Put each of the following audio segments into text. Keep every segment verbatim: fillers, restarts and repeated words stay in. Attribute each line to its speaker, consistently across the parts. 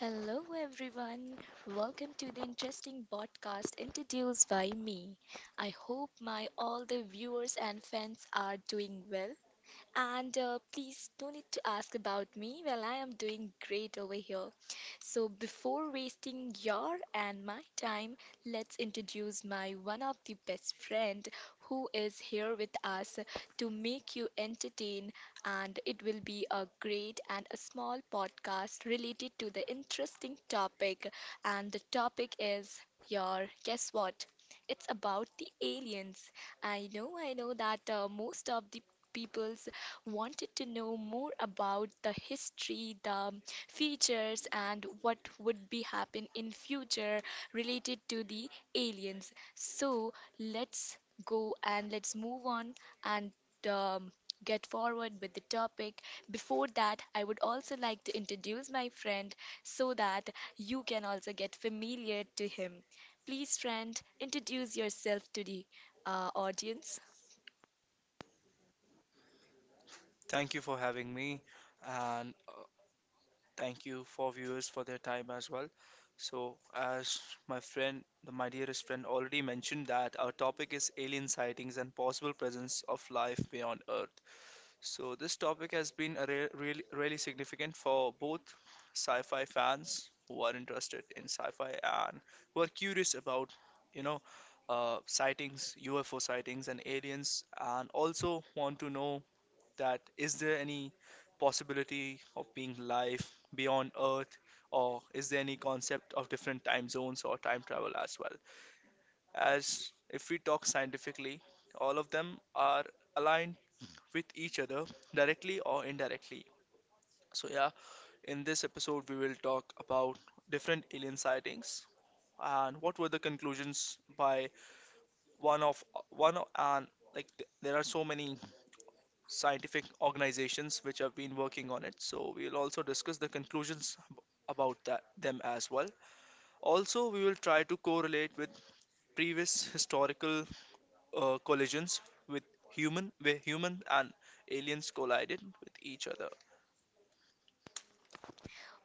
Speaker 1: Hello, everyone. Welcome to the interesting podcast introduced by me. I hope my all the viewers and fans are doing well and uh, please no need to ask about me. Well, I am doing great over here. So, before wasting your and my time, let's introduce my one of the best friend who is here with us to make you entertain, and it will be a great and a small podcast related to the interesting topic, and the topic is your guess what? It's about the aliens. I know, I know that uh, most of the people's wanted to know more about the history, the features, and what would be happen in future related to the aliens. So let's go and let's move on and um, get forward with the topic. Before that, I would also like to introduce my friend so that you can also get familiar to him. Please, friend, introduce yourself to the uh, audience.
Speaker 2: Thank you for having me, and uh, thank you for viewers for their time as well. So, as my friend, my dearest friend, already mentioned that our topic is alien sightings and possible presence of life beyond Earth. So, this topic has been a re- really, really significant for both sci-fi fans who are interested in sci-fi and who are curious about, you know, uh, sightings, U F O sightings, and aliens, and also want to know that is there any possibility of being life beyond Earth, or is there any concept of different time zones or time travel as well? As if we talk scientifically, all of them are aligned with each other directly or indirectly. So, yeah, in this episode, we will talk about different alien sightings and what were the conclusions by one of one of and like th- there are so many scientific organizations which have been working on it. So we'll also discuss the conclusions ab- about that them as well. Also, we will try to correlate with previous historical uh, collisions with human where human and aliens collided with each other.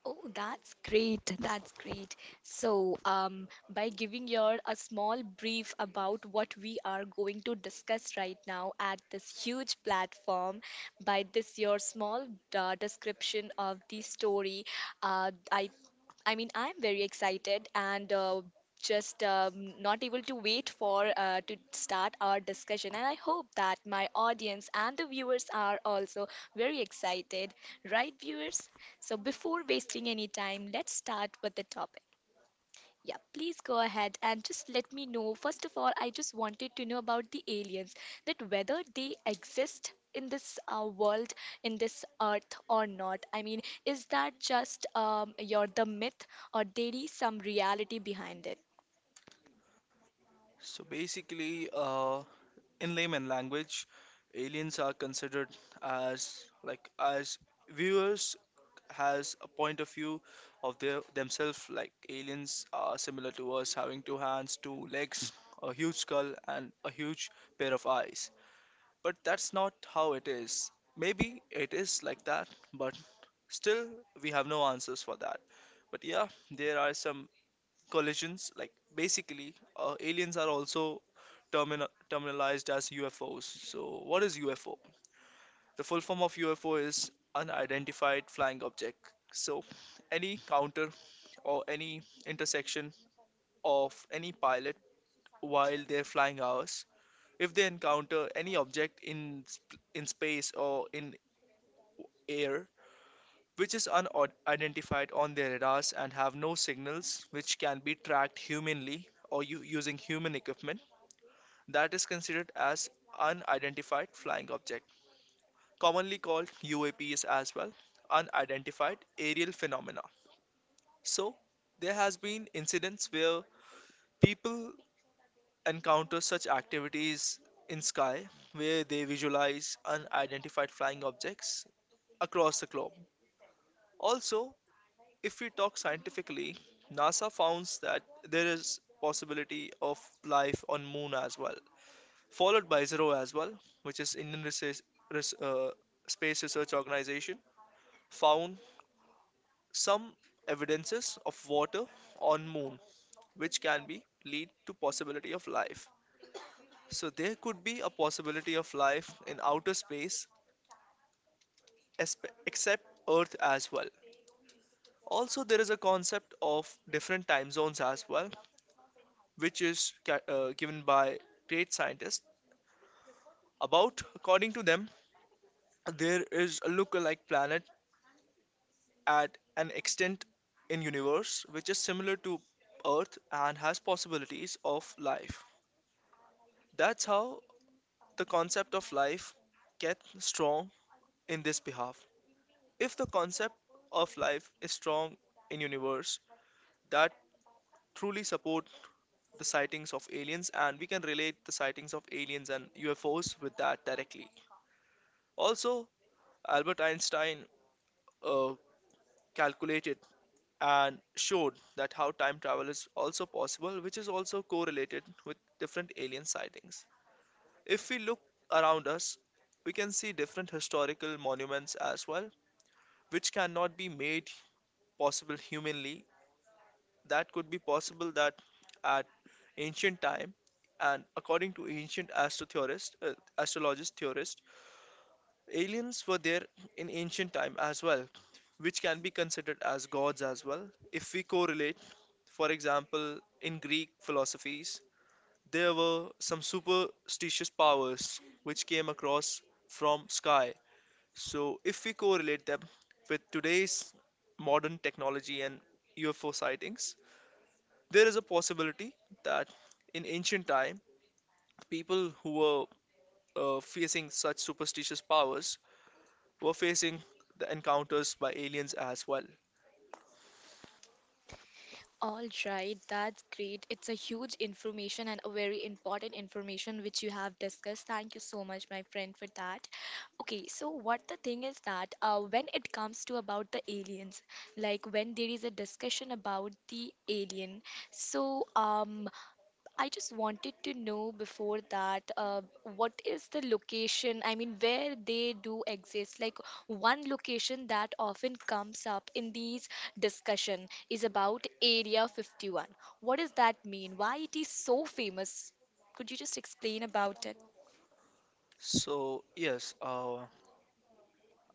Speaker 1: Oh, that's great. That's great. So, um, by giving your a small brief about what we are going to discuss right now at this huge platform, by this your small uh, description of the story, uh, I, I mean, I'm very excited and uh, just um, not able to wait for uh, to start our discussion. And I hope that my audience and the viewers are also very excited, right, viewers? So, before wasting any time, let's start with the topic. Yeah, please go ahead and just let me know. First of all, I just wanted to know about the aliens, that whether they exist in this uh, world, in this earth or not. I mean, is that just um, your the myth, or there is some reality behind it?
Speaker 2: So basically, uh, in layman language, aliens are considered as like as viewers has a point of view of their themselves. Like aliens are similar to us, having two hands, two legs, a huge skull, and a huge pair of eyes. But that's not how it is. Maybe it is like that, but still we have no answers for that. But yeah, there are some collisions. Like basically, uh, aliens are also termin- terminalized as U F Os. So, what is U F O? The full form of U F O is unidentified flying object. So, any counter or any intersection of any pilot while they're flying hours, if they encounter any object in sp- in space or in air which is unidentified on their radars and have no signals which can be tracked humanly or u- using human equipment, that is considered as unidentified flying object, commonly called U A Ps as well, unidentified aerial phenomena. So there has been incidents where people encounter such activities in sky where they visualize unidentified flying objects across the globe. Also, if we talk scientifically, NASA founds that there is possibility of life on moon as well, followed by ISRO as well, which is Indian Research, Res- uh, Space Research Organization, found some evidences of water on moon, which can be lead to possibility of life. So there could be a possibility of life in outer space, espe- except Earth as well. Also, there is a concept of different time zones as well, which is ca- uh, given by great scientists. About, according to them, there is a look-alike planet at an extent in universe which is similar to Earth and has possibilities of life. That's how the concept of life gets strong in this behalf. If the concept of life is strong in universe, that truly support the sightings of aliens, and we can relate the sightings of aliens and U F Os with that directly. Also, Albert Einstein uh, calculated and showed that how time travel is also possible, which is also correlated with different alien sightings. If we look around us, we can see different historical monuments as well, which cannot be made possible humanly. That could be possible that at ancient time, and according to ancient astro theorist, uh, astrologist theorist, aliens were there in ancient time as well, which can be considered as gods as well. If we correlate, for example, in Greek philosophies, there were some superstitious powers which came across from sky. So if we correlate them with today's modern technology and U F O sightings, there is a possibility that in ancient time, people who were uh, facing such superstitious powers were facing the encounters by aliens as well.
Speaker 1: All right, that's great. It's a huge information and a very important information which you have discussed. Thank you so much, my friend, for that. Okay, so what the thing is that uh, when it comes to about the aliens, like when there is a discussion about the alien, so um I just wanted to know before that, uh, what is the location? I mean, where they do exist. Like one location that often comes up in these discussion is about Area fifty-one. What does that mean? Why it is so famous? Could you just explain about it?
Speaker 2: So yes, uh,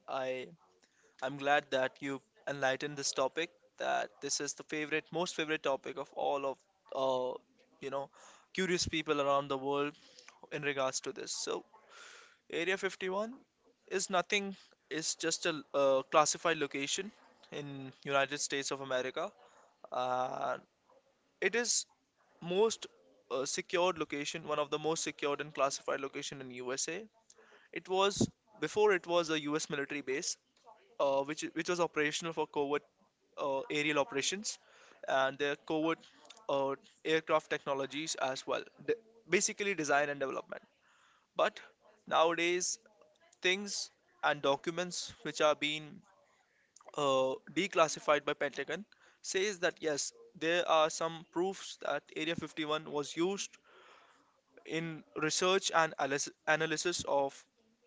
Speaker 2: I I'm glad that you enlightened this topic. That this is the favorite, most favorite topic of all of uh, you know, curious people around the world in regards to this. So Area fifty-one is nothing. It's just a uh, classified location in United States of America. Uh, it is most uh, secured location, one of the most secured and classified location in U S A. It was, before it was a U S military base, uh, which which was operational for covert uh, aerial operations and their covert uh, aircraft technologies as well. De- basically, design and development. But nowadays, things and documents which are being uh, declassified by Pentagon says that yes, there are some proofs that Area fifty-one was used in research and alis- analysis of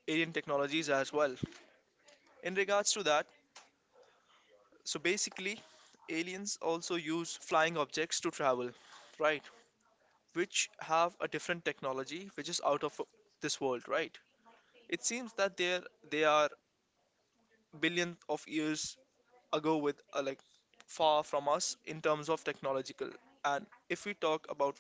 Speaker 2: alien technologies as well. In regards to that, so basically, aliens also use flying objects to travel, right? Which have a different technology which is out of this world, right? It seems that they're they are billions of years ago with uh, like far from us in terms of technological. And if we talk about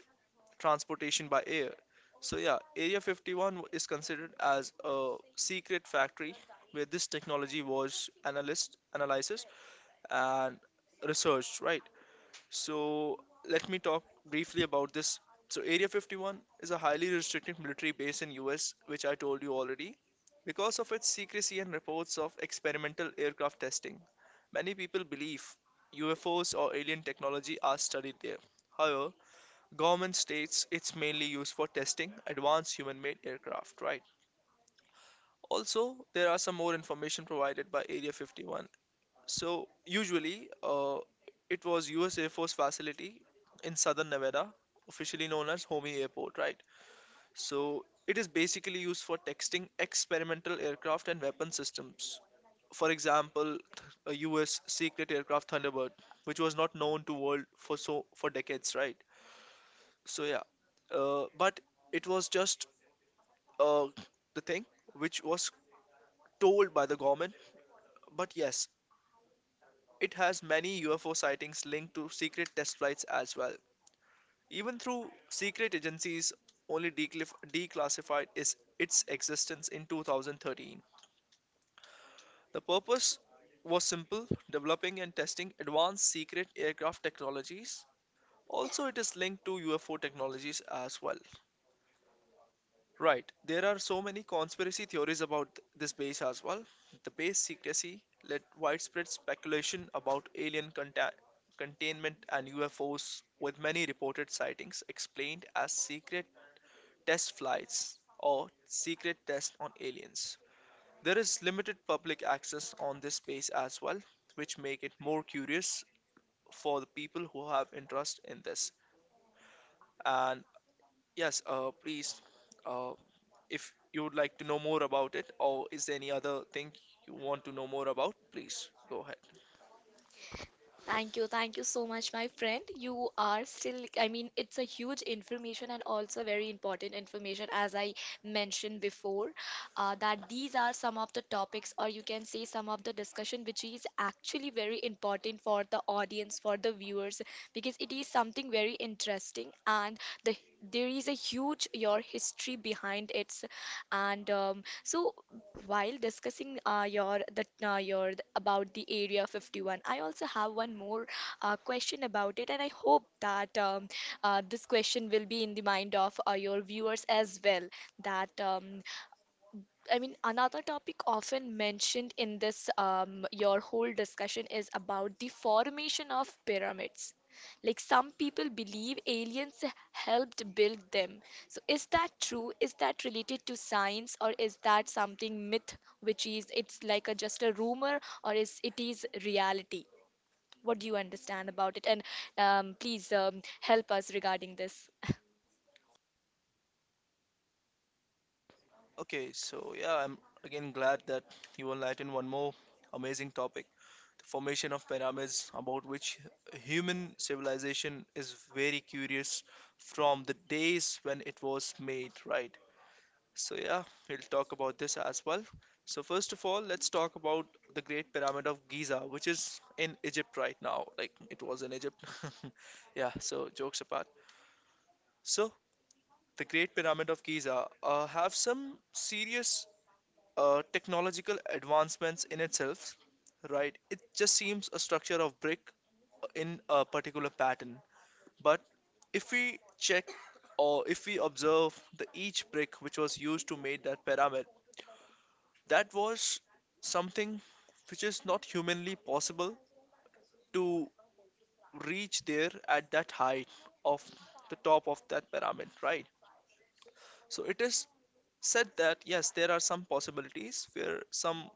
Speaker 2: transportation by air. So yeah, Area fifty-one w- is considered as a secret factory where this technology was analyzed, analysis and researched, right? So let me talk briefly about this. So Area fifty-one is a highly restricted military base in U S, which I told you already. Because of its secrecy and reports of experimental aircraft testing, many people believe U F Os or alien technology are studied there. However, Government states it's mainly used for testing advanced human-made aircraft, right? Also, there are some more information provided by Area fifty-one. So, usually, uh, it was U S. Air Force facility in southern Nevada, officially known as Homey Airport, right? So, it is basically used for testing experimental aircraft and weapon systems. For example, a U S secret aircraft Thunderbird, which was not known to world for so for decades, right? So yeah, uh, but it was just uh, the thing which was told by the government. But yes, it has many U F O sightings linked to secret test flights as well. Even through secret agencies, only declif- declassified is its existence in two thousand thirteen. The purpose was simple: developing and testing advanced secret aircraft technologies. Also, it is linked to U F O technologies as well. Right. There are so many conspiracy theories about th- this base as well. The base secrecy led widespread speculation about alien conta- containment and U F Os, with many reported sightings explained as secret test flights or secret tests on aliens. There is limited public access on this base as well, which make it more curious for the people who have interest in this. And yes, uh, please, uh, if you would like to know more about it, or is there any other thing you want to know more about, please go ahead.
Speaker 1: Thank you. Thank you so much, my friend. You are still, I mean, it's a huge information and also very important information, as I mentioned before, uh, that these are some of the topics, or you can say some of the discussion, which is actually very important for the audience, for the viewers, because it is something very interesting and the there is a huge your history behind it. And um, so while discussing uh, your that uh, your about the Area fifty-one, I also have one more uh, question about it, and I hope that um, uh, this question will be in the mind of uh, your viewers as well. That um, I mean, another topic often mentioned in this, um, your whole discussion is about the formation of pyramids. Like some people believe aliens helped build them. So is that true? Is that related to science or is that something myth which is it's like a just a rumor or is it is reality? What do you understand about it? And um, please um, help us regarding this.
Speaker 2: Okay, so yeah, I'm again glad that you enlightened one more amazing topic, the formation of pyramids, about which human civilization is very curious from the days when it was made, right? So, yeah, we'll talk about this as well. So, first of all, let's talk about the Great Pyramid of Giza, which is in Egypt right now. Like, it was in Egypt. Yeah, so jokes apart. So, the Great Pyramid of Giza uh, have some serious uh, technological advancements in itself, right? It just seems a structure of brick in a particular pattern. But if we check or if we observe the each brick which was used to make that pyramid, that was something which is not humanly possible to reach there at that height of the top of that pyramid, right? So it is said that yes, there are some possibilities where some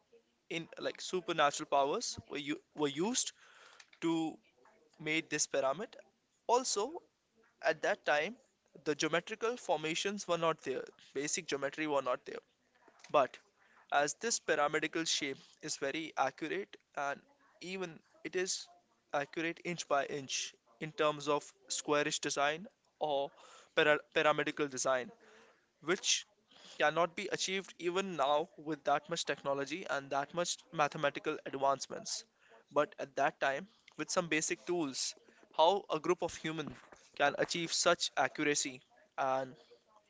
Speaker 2: in like supernatural powers were u- were used to make this pyramid. Also, at that time, the geometrical formations were not there. Basic geometry were not there. But as this pyramidical shape is very accurate and even it is accurate inch by inch in terms of squarish design or pyra- pyramidical design which cannot be achieved even now with that much technology and that much mathematical advancements, but at that time with some basic tools, how a group of humans can achieve such accuracy and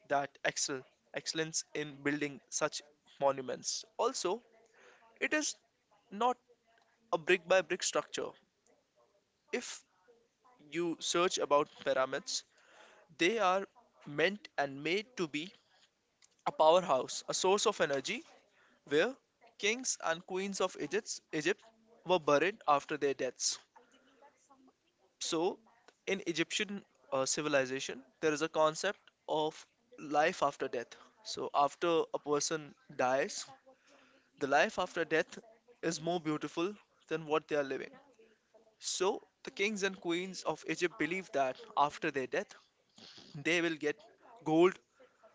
Speaker 2: that excel excellence in building such monuments. Also, it is not a brick by brick structure. If you search about pyramids, they are meant and made to be a powerhouse, a source of energy where kings and queens of Egypt, Egypt were buried after their deaths. So, in Egyptian uh, civilization, there is a concept of life after death. So, after a person dies, the life after death is more beautiful than what they are living. So, the kings and queens of Egypt believed that after their death, they will get gold,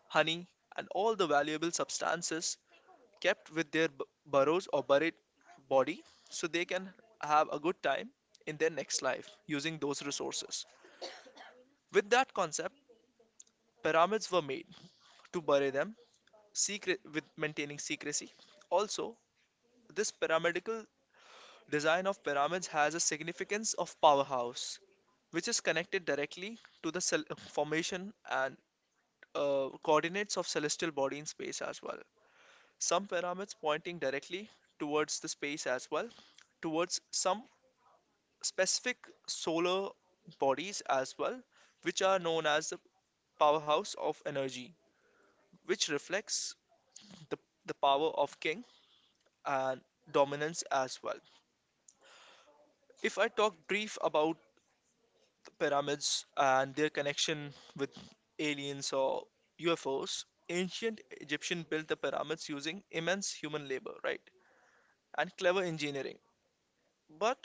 Speaker 2: honey, and all the valuable substances kept with their b- burrows or buried body so they can have a good time in their next life using those resources. With that concept, pyramids were made to bury them secret with maintaining secrecy. Also, this pyramidical design of pyramids has a significance of powerhouse which is connected directly to the cel- formation and uh, coordinates of celestial body in space as well. Some pyramids pointing directly towards the space as well, towards some specific solar bodies as well, which are known as the powerhouse of energy, which reflects the, the power of king and dominance as well. If I talk brief about the pyramids and their connection with aliens or U F Os, ancient Egyptian built the pyramids using immense human labor, right? And clever engineering. But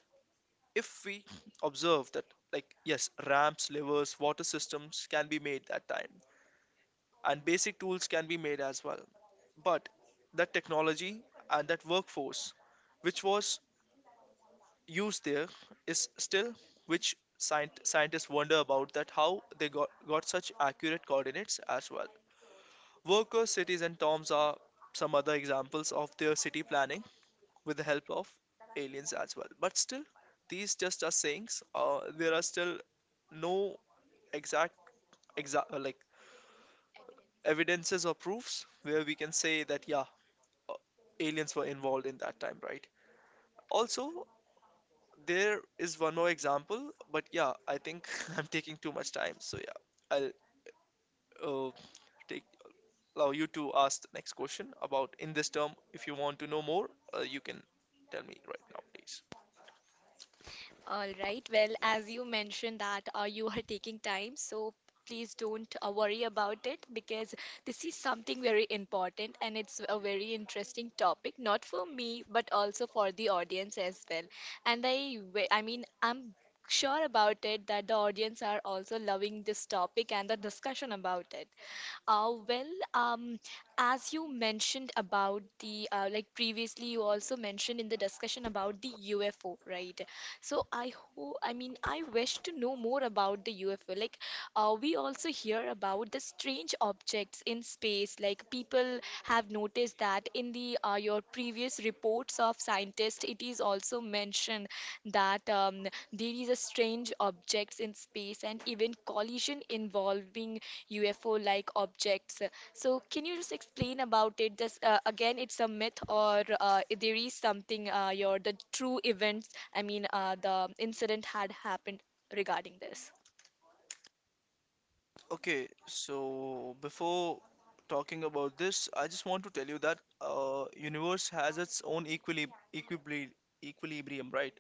Speaker 2: if we observe that, like, yes, ramps, levers, water systems can be made that time, and basic tools can be made as well. But that technology and that workforce, which was used there is still which scient- scientists wonder about that how they got, got such accurate coordinates as well. Workers' cities and tombs are some other examples of their city planning with the help of aliens as well. But still, these just are sayings. Uh, there are still no exact exact uh, like evidences or proofs where we can say that yeah, uh, aliens were involved in that time, right? Also, there is one more example, but yeah, I think I'm taking too much time. So yeah, I'll uh, take allow you to ask the next question about in this term. If you want to know more, uh, you can tell me right now, please.
Speaker 1: All right. Well, as you mentioned that uh, you are taking time, so please don't uh, worry about it because this is something very important and it's a very interesting topic, not for me, but also for the audience as well. And I, w- I mean, I'm sure about it that the audience are also loving this topic and the discussion about it. Uh, well, um, as you mentioned about the uh, like previously, you also mentioned in the discussion about the U F O, right? So I hope, I mean, I wish to know more about the U F O. Like, uh, we also hear about the strange objects in space. Like, people have noticed that in the uh, your previous reports of scientists, it is also mentioned that um, there is a strange objects in space and even collision involving U F O like objects. So can you just explain about it? Just uh, again, it's a myth or uh, there is something uh, your the true events. I mean, uh, the incident had happened regarding this.
Speaker 2: Okay, so before talking about this, I just want to tell you that uh, universe has its own equili equibli equilibrium, right?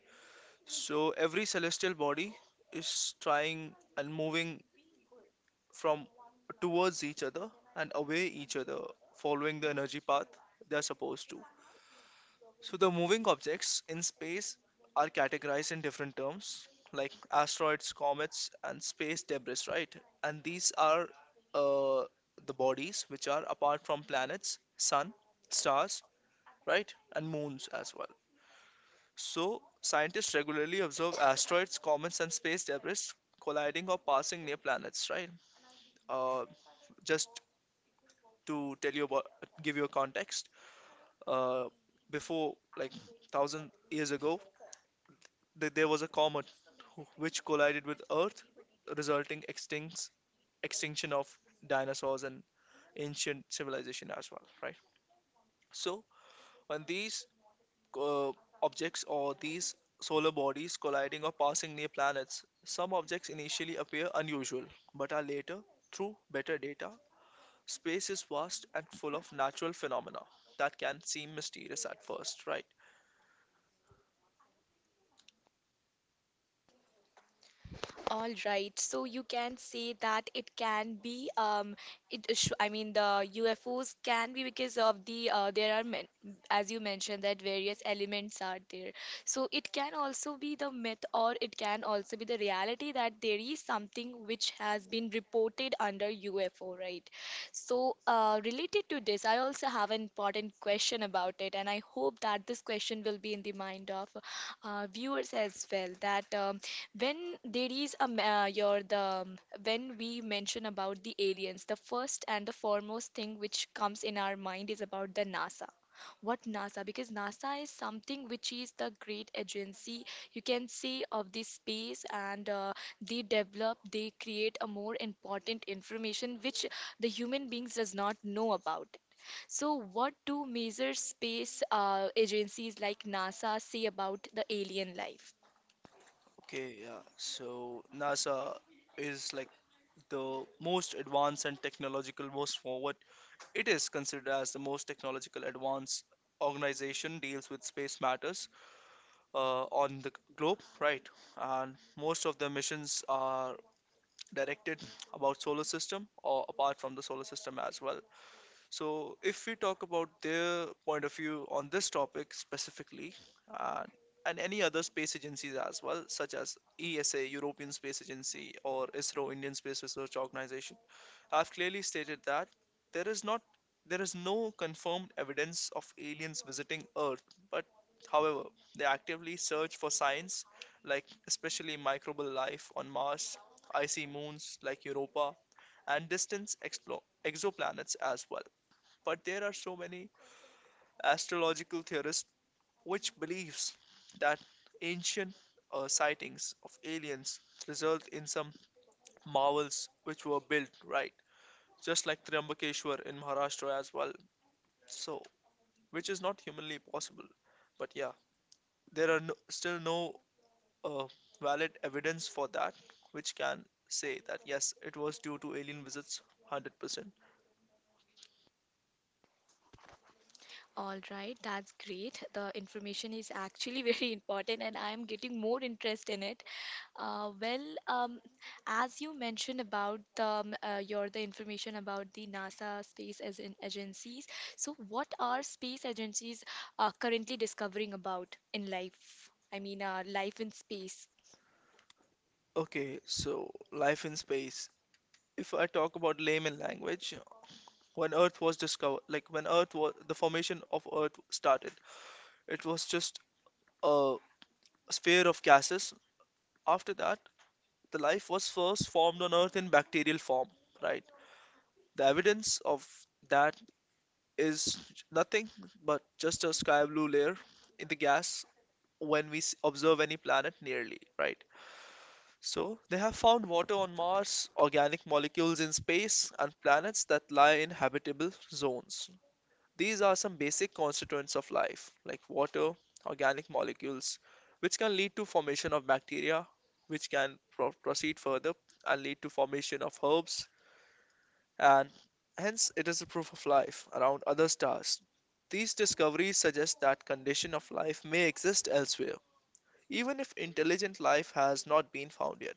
Speaker 2: So every celestial body is trying and moving from towards each other and away each other, following the energy path they are supposed to. So the moving objects in space are categorized in different terms like asteroids, comets and space debris, right? And these are uh, the bodies which are apart from planets, sun, stars, right, and moons as well. So scientists regularly observe asteroids, comets and space debris colliding or passing near planets, right? uh, just to tell you about, give you a context, uh, before like thousand years ago, th there was a comet which collided with Earth, resulting extincts, extinction of dinosaurs and ancient civilization as well, right? So when these uh, objects or these solar bodies colliding or passing near planets, some objects initially appear unusual, but are later, through better data, space is vast and full of natural phenomena that can seem mysterious at first, right?
Speaker 1: All right, so you can say that it can be um it sh I mean the U F Os can be because of the uh, there are men as you mentioned that various elements are there. So it can also be the myth or it can also be the reality that there is something which has been reported under U F O, right? So uh, related to this, I also have an important question about it and I hope that this question will be in the mind of uh, viewers as well that um, when there is a ma- uh, your the um, when we mention about the aliens, the first and the foremost thing which comes in our mind is about the NASA. What NASA? Because NASA is something which is the great agency you can say of the space, and uh, they develop, they create a more important information which the human beings does not know about. It. So, what do major space uh, agencies like NASA say about the alien life?
Speaker 2: Okay, yeah. So NASA is like the most advanced and technological most forward. It is considered as the most technological advanced organization deals with space matters uh, on the globe, right? And most of the missions are directed about solar system or apart from the solar system as well. So, if we talk about their point of view on this topic specifically, uh, and any other space agencies as well, such as E S A, European Space Agency, or I S R O, Indian Space Research Organization, have clearly stated that there is not there is no confirmed evidence of aliens visiting Earth, but however, they actively search for signs like especially microbial life on Mars, icy moons like Europa, and distant explo- exoplanets as well. But there are so many astrological theorists which believes that ancient uh, sightings of aliens result in some marvels which were built, right? Just like Triambakeshwar in Maharashtra as well, so which is not humanly possible. But yeah, there are no, still no uh, valid evidence for that which can say that yes, it was due to alien visits one hundred percent.
Speaker 1: All right, that's great. The information is actually very important, and I'm getting more interest in it. Uh, well, um, as you mentioned about the, um, uh, your the information about the NASA space as in agencies. So, what are space agencies uh, currently discovering about in life? I mean, uh, life in space.
Speaker 2: Okay, so life in space, if I talk about layman language, when Earth was discovered, like when Earth was the formation of Earth started, it was just a sphere of gases. After that, the life was first formed on Earth in bacterial form, right? The evidence of that is nothing but just a sky blue layer in the gas when we s- observe any planet nearly, right? So, they have found water on Mars, organic molecules in space, and planets that lie in habitable zones. These are some basic constituents of life, like water, organic molecules, which can lead to formation of bacteria, which can pro- proceed further and lead to formation of herbs, and hence it is a proof of life around other stars. These discoveries suggest that condition of life may exist elsewhere, even if intelligent life has not been found yet.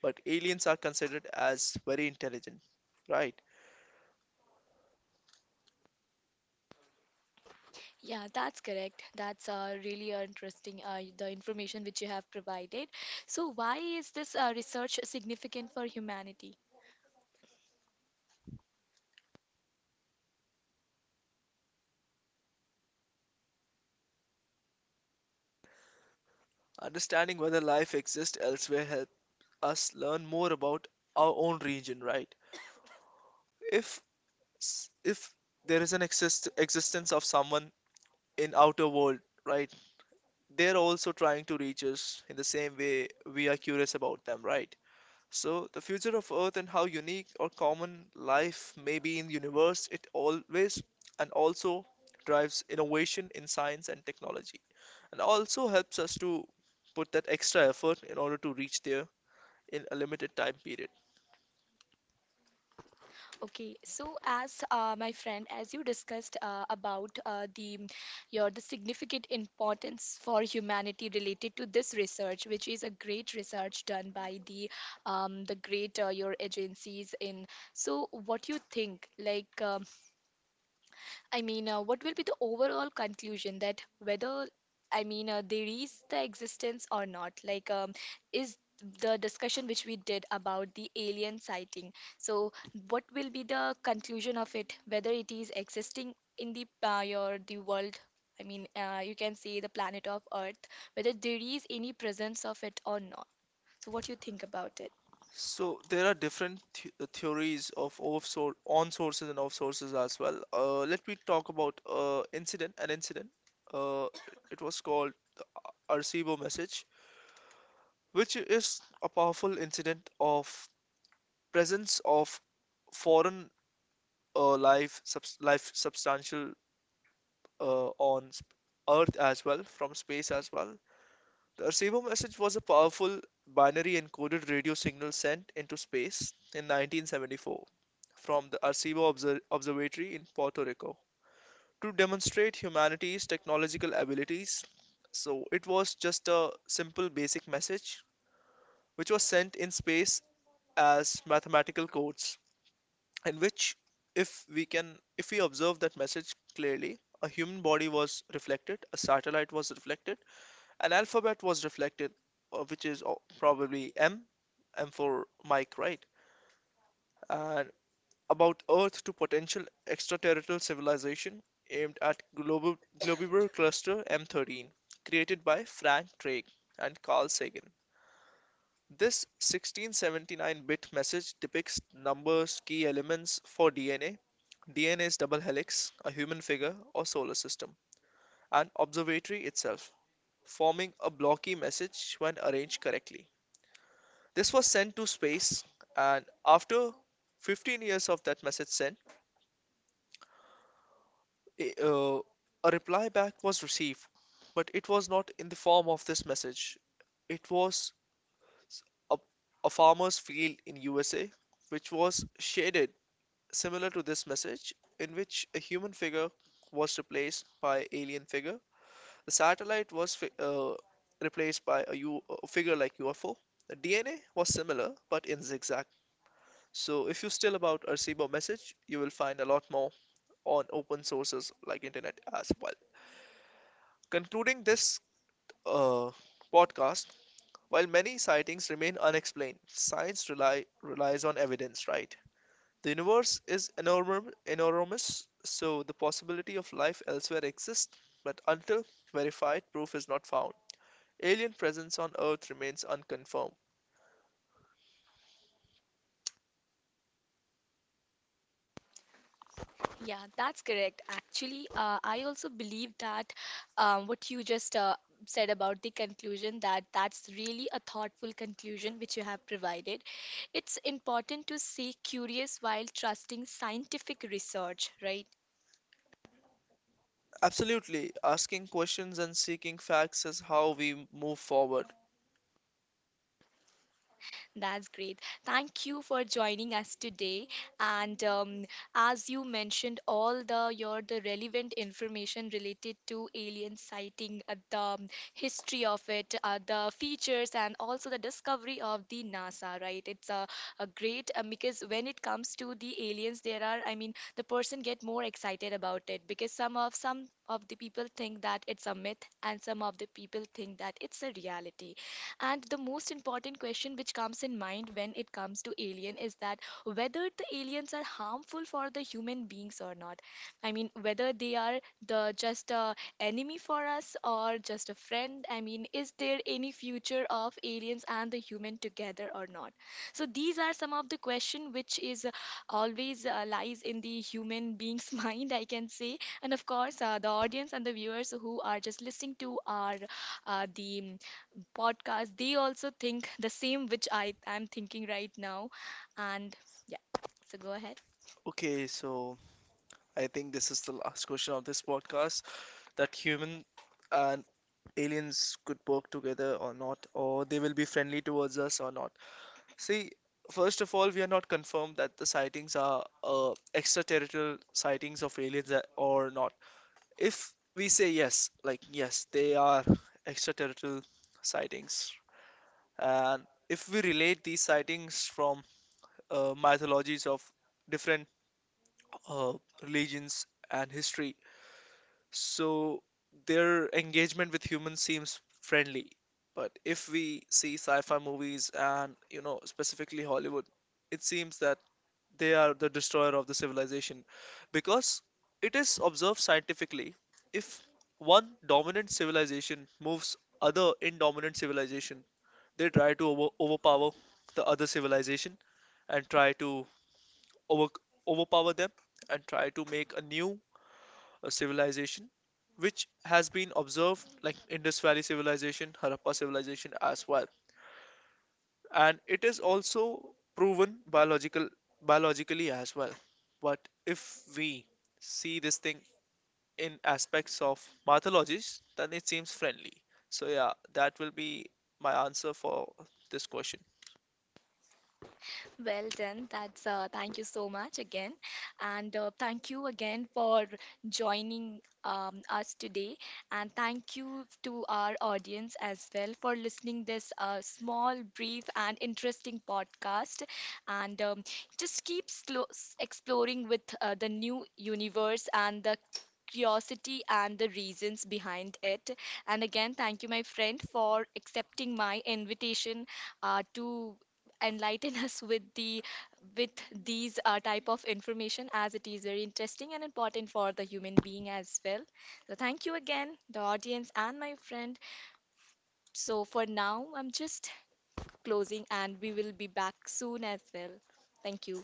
Speaker 2: But aliens are considered as very intelligent, right?
Speaker 1: Yeah, that's correct. That's uh, really uh, interesting, uh, the information which you have provided. So, why is this uh, research significant for humanity?
Speaker 2: Understanding whether life exists elsewhere helps us learn more about our own region, right? If s- if there is an exist existence of someone in outer world, right? They're also trying to reach us in the same way we are curious about them, right? So the future of Earth and how unique or common life may be in universe, it always and also drives innovation in science and technology, and also helps us to put that extra effort in order to reach there in a limited time period.
Speaker 1: Okay, so as uh, my friend, as you discussed uh, about uh, the your the significant importance for humanity related to this research, which is a great research done by the um, the great uh, your agencies in. So, what you think? Like, um, I mean, uh, what will be the overall conclusion that whether, I mean, uh, there is the existence or not? Like, um, is the discussion which we did about the alien sighting. So, what will be the conclusion of it? Whether it is existing in the uh, your the world? I mean, uh, you can say the planet of Earth. Whether there is any presence of it or not. So, what do you think about it?
Speaker 2: So there are different th- uh, theories of offshore on sources and off sources as well. Uh, let me talk about uh, incident an incident. Uh, it was called the Ar- Arecibo message, which is a powerful incident of presence of foreign uh, life subs life substantial uh, on sp- Earth as well from space as well. The Arecibo message was a powerful binary encoded radio signal sent into space in nineteen seventy-four from the Arecibo Obser- Observatory in Puerto Rico to demonstrate humanity's technological abilities. So it was just a simple basic message which was sent in space as mathematical codes, in which if we can if we observe that message clearly, a human body was reflected, a satellite was reflected, an alphabet was reflected, uh, which is uh, probably M, M for Mike, right? And about Earth to potential extraterrestrial civilization, aimed at Globo- Globular Cluster M thirteen, created by Frank Drake and Carl Sagan. This sixteen seventy-nine-bit message depicts numbers, key elements for DNA, D N A's double helix, a human figure or solar system, and observatory itself, forming a blocky message when arranged correctly. This was sent to space, and after fifteen years of that message sent, a, uh, a reply back was received, but it was not in the form of this message. It was a a farmer's field in U S A, which was shaded similar to this message, in which a human figure was replaced by alien figure. The satellite was fi- uh, replaced by a, U- a figure like U F O. The D N A was similar, but in zigzag. So if you still about a message, you will find a lot more on open sources like internet as well. Concluding this uh, podcast, while many sightings remain unexplained, science rely relies on evidence, right? The universe is enormous, enormous, so the possibility of life elsewhere exists, but until verified proof is not found, alien presence on Earth remains unconfirmed.
Speaker 1: Yeah, that's correct. Actually, uh, I also believe that um, what you just uh, said about the conclusion that that's really a thoughtful conclusion which you have provided. It's important to stay curious while trusting scientific research, right?
Speaker 2: Absolutely, asking questions and seeking facts is how we move forward.
Speaker 1: That's great. Thank you for joining us today. And um, as you mentioned, all the your the relevant information related to alien sighting, uh, the um, history of it, uh, the features, and also the discovery of the NASA. Right? It's a, a great um, because when it comes to the aliens, there are I mean the person get more excited about it because some of some of the people think that it's a myth and some of the people think that it's a reality and the most important question which comes in mind when it comes to alien is that whether the aliens are harmful for the human beings or not. I mean, whether they are the just a enemy for us or just a friend. I mean, is there any future of aliens and the human together or not? So these are some of the question which is uh, always uh, lies in the human being's mind, I can say. And of course, uh, the audience and the viewers who are just listening to our uh, the podcast, they also think the same which I am thinking right now. And yeah, so go ahead.
Speaker 2: Okay, so I think this is the last question of this podcast, that human and aliens could work together or not, or they will be friendly towards us or not. See, first of all, we are not confirmed that the sightings are uh, extraterritorial sightings of aliens a- or not. If we say yes, like yes, they are extraterritorial sightings, and if we relate these sightings from uh, mythologies of different uh, religions and history, so their engagement with humans seems friendly. But if we see sci-fi movies and, you know, specifically Hollywood, it seems that they are the destroyer of the civilization, because it is observed scientifically if one dominant civilization moves other indominant civilization, they try to over overpower the other civilization and try to over overpower them and try to make a new uh, civilization, which has been observed like Indus Valley civilization, Harappa civilization as well. And it is also proven biological biologically as well. But if we see this thing in aspects of mythologies, then it seems friendly. So yeah, that will be my answer for this question.
Speaker 1: Well done. That's uh, thank you so much again, and uh, thank you again for joining um, us today, and thank you to our audience as well for listening this uh, small, brief, and interesting podcast, and um, just keep slo- s- exploring with uh, the new universe and the curiosity and the reasons behind it. And again, thank you, my friend, for accepting my invitation uh, to enlighten us with the with these uh, type of information as it is very interesting and important for the human being as well. So thank you again, the audience and my friend. So for now, I'm just closing and we will be back soon as well. Thank you.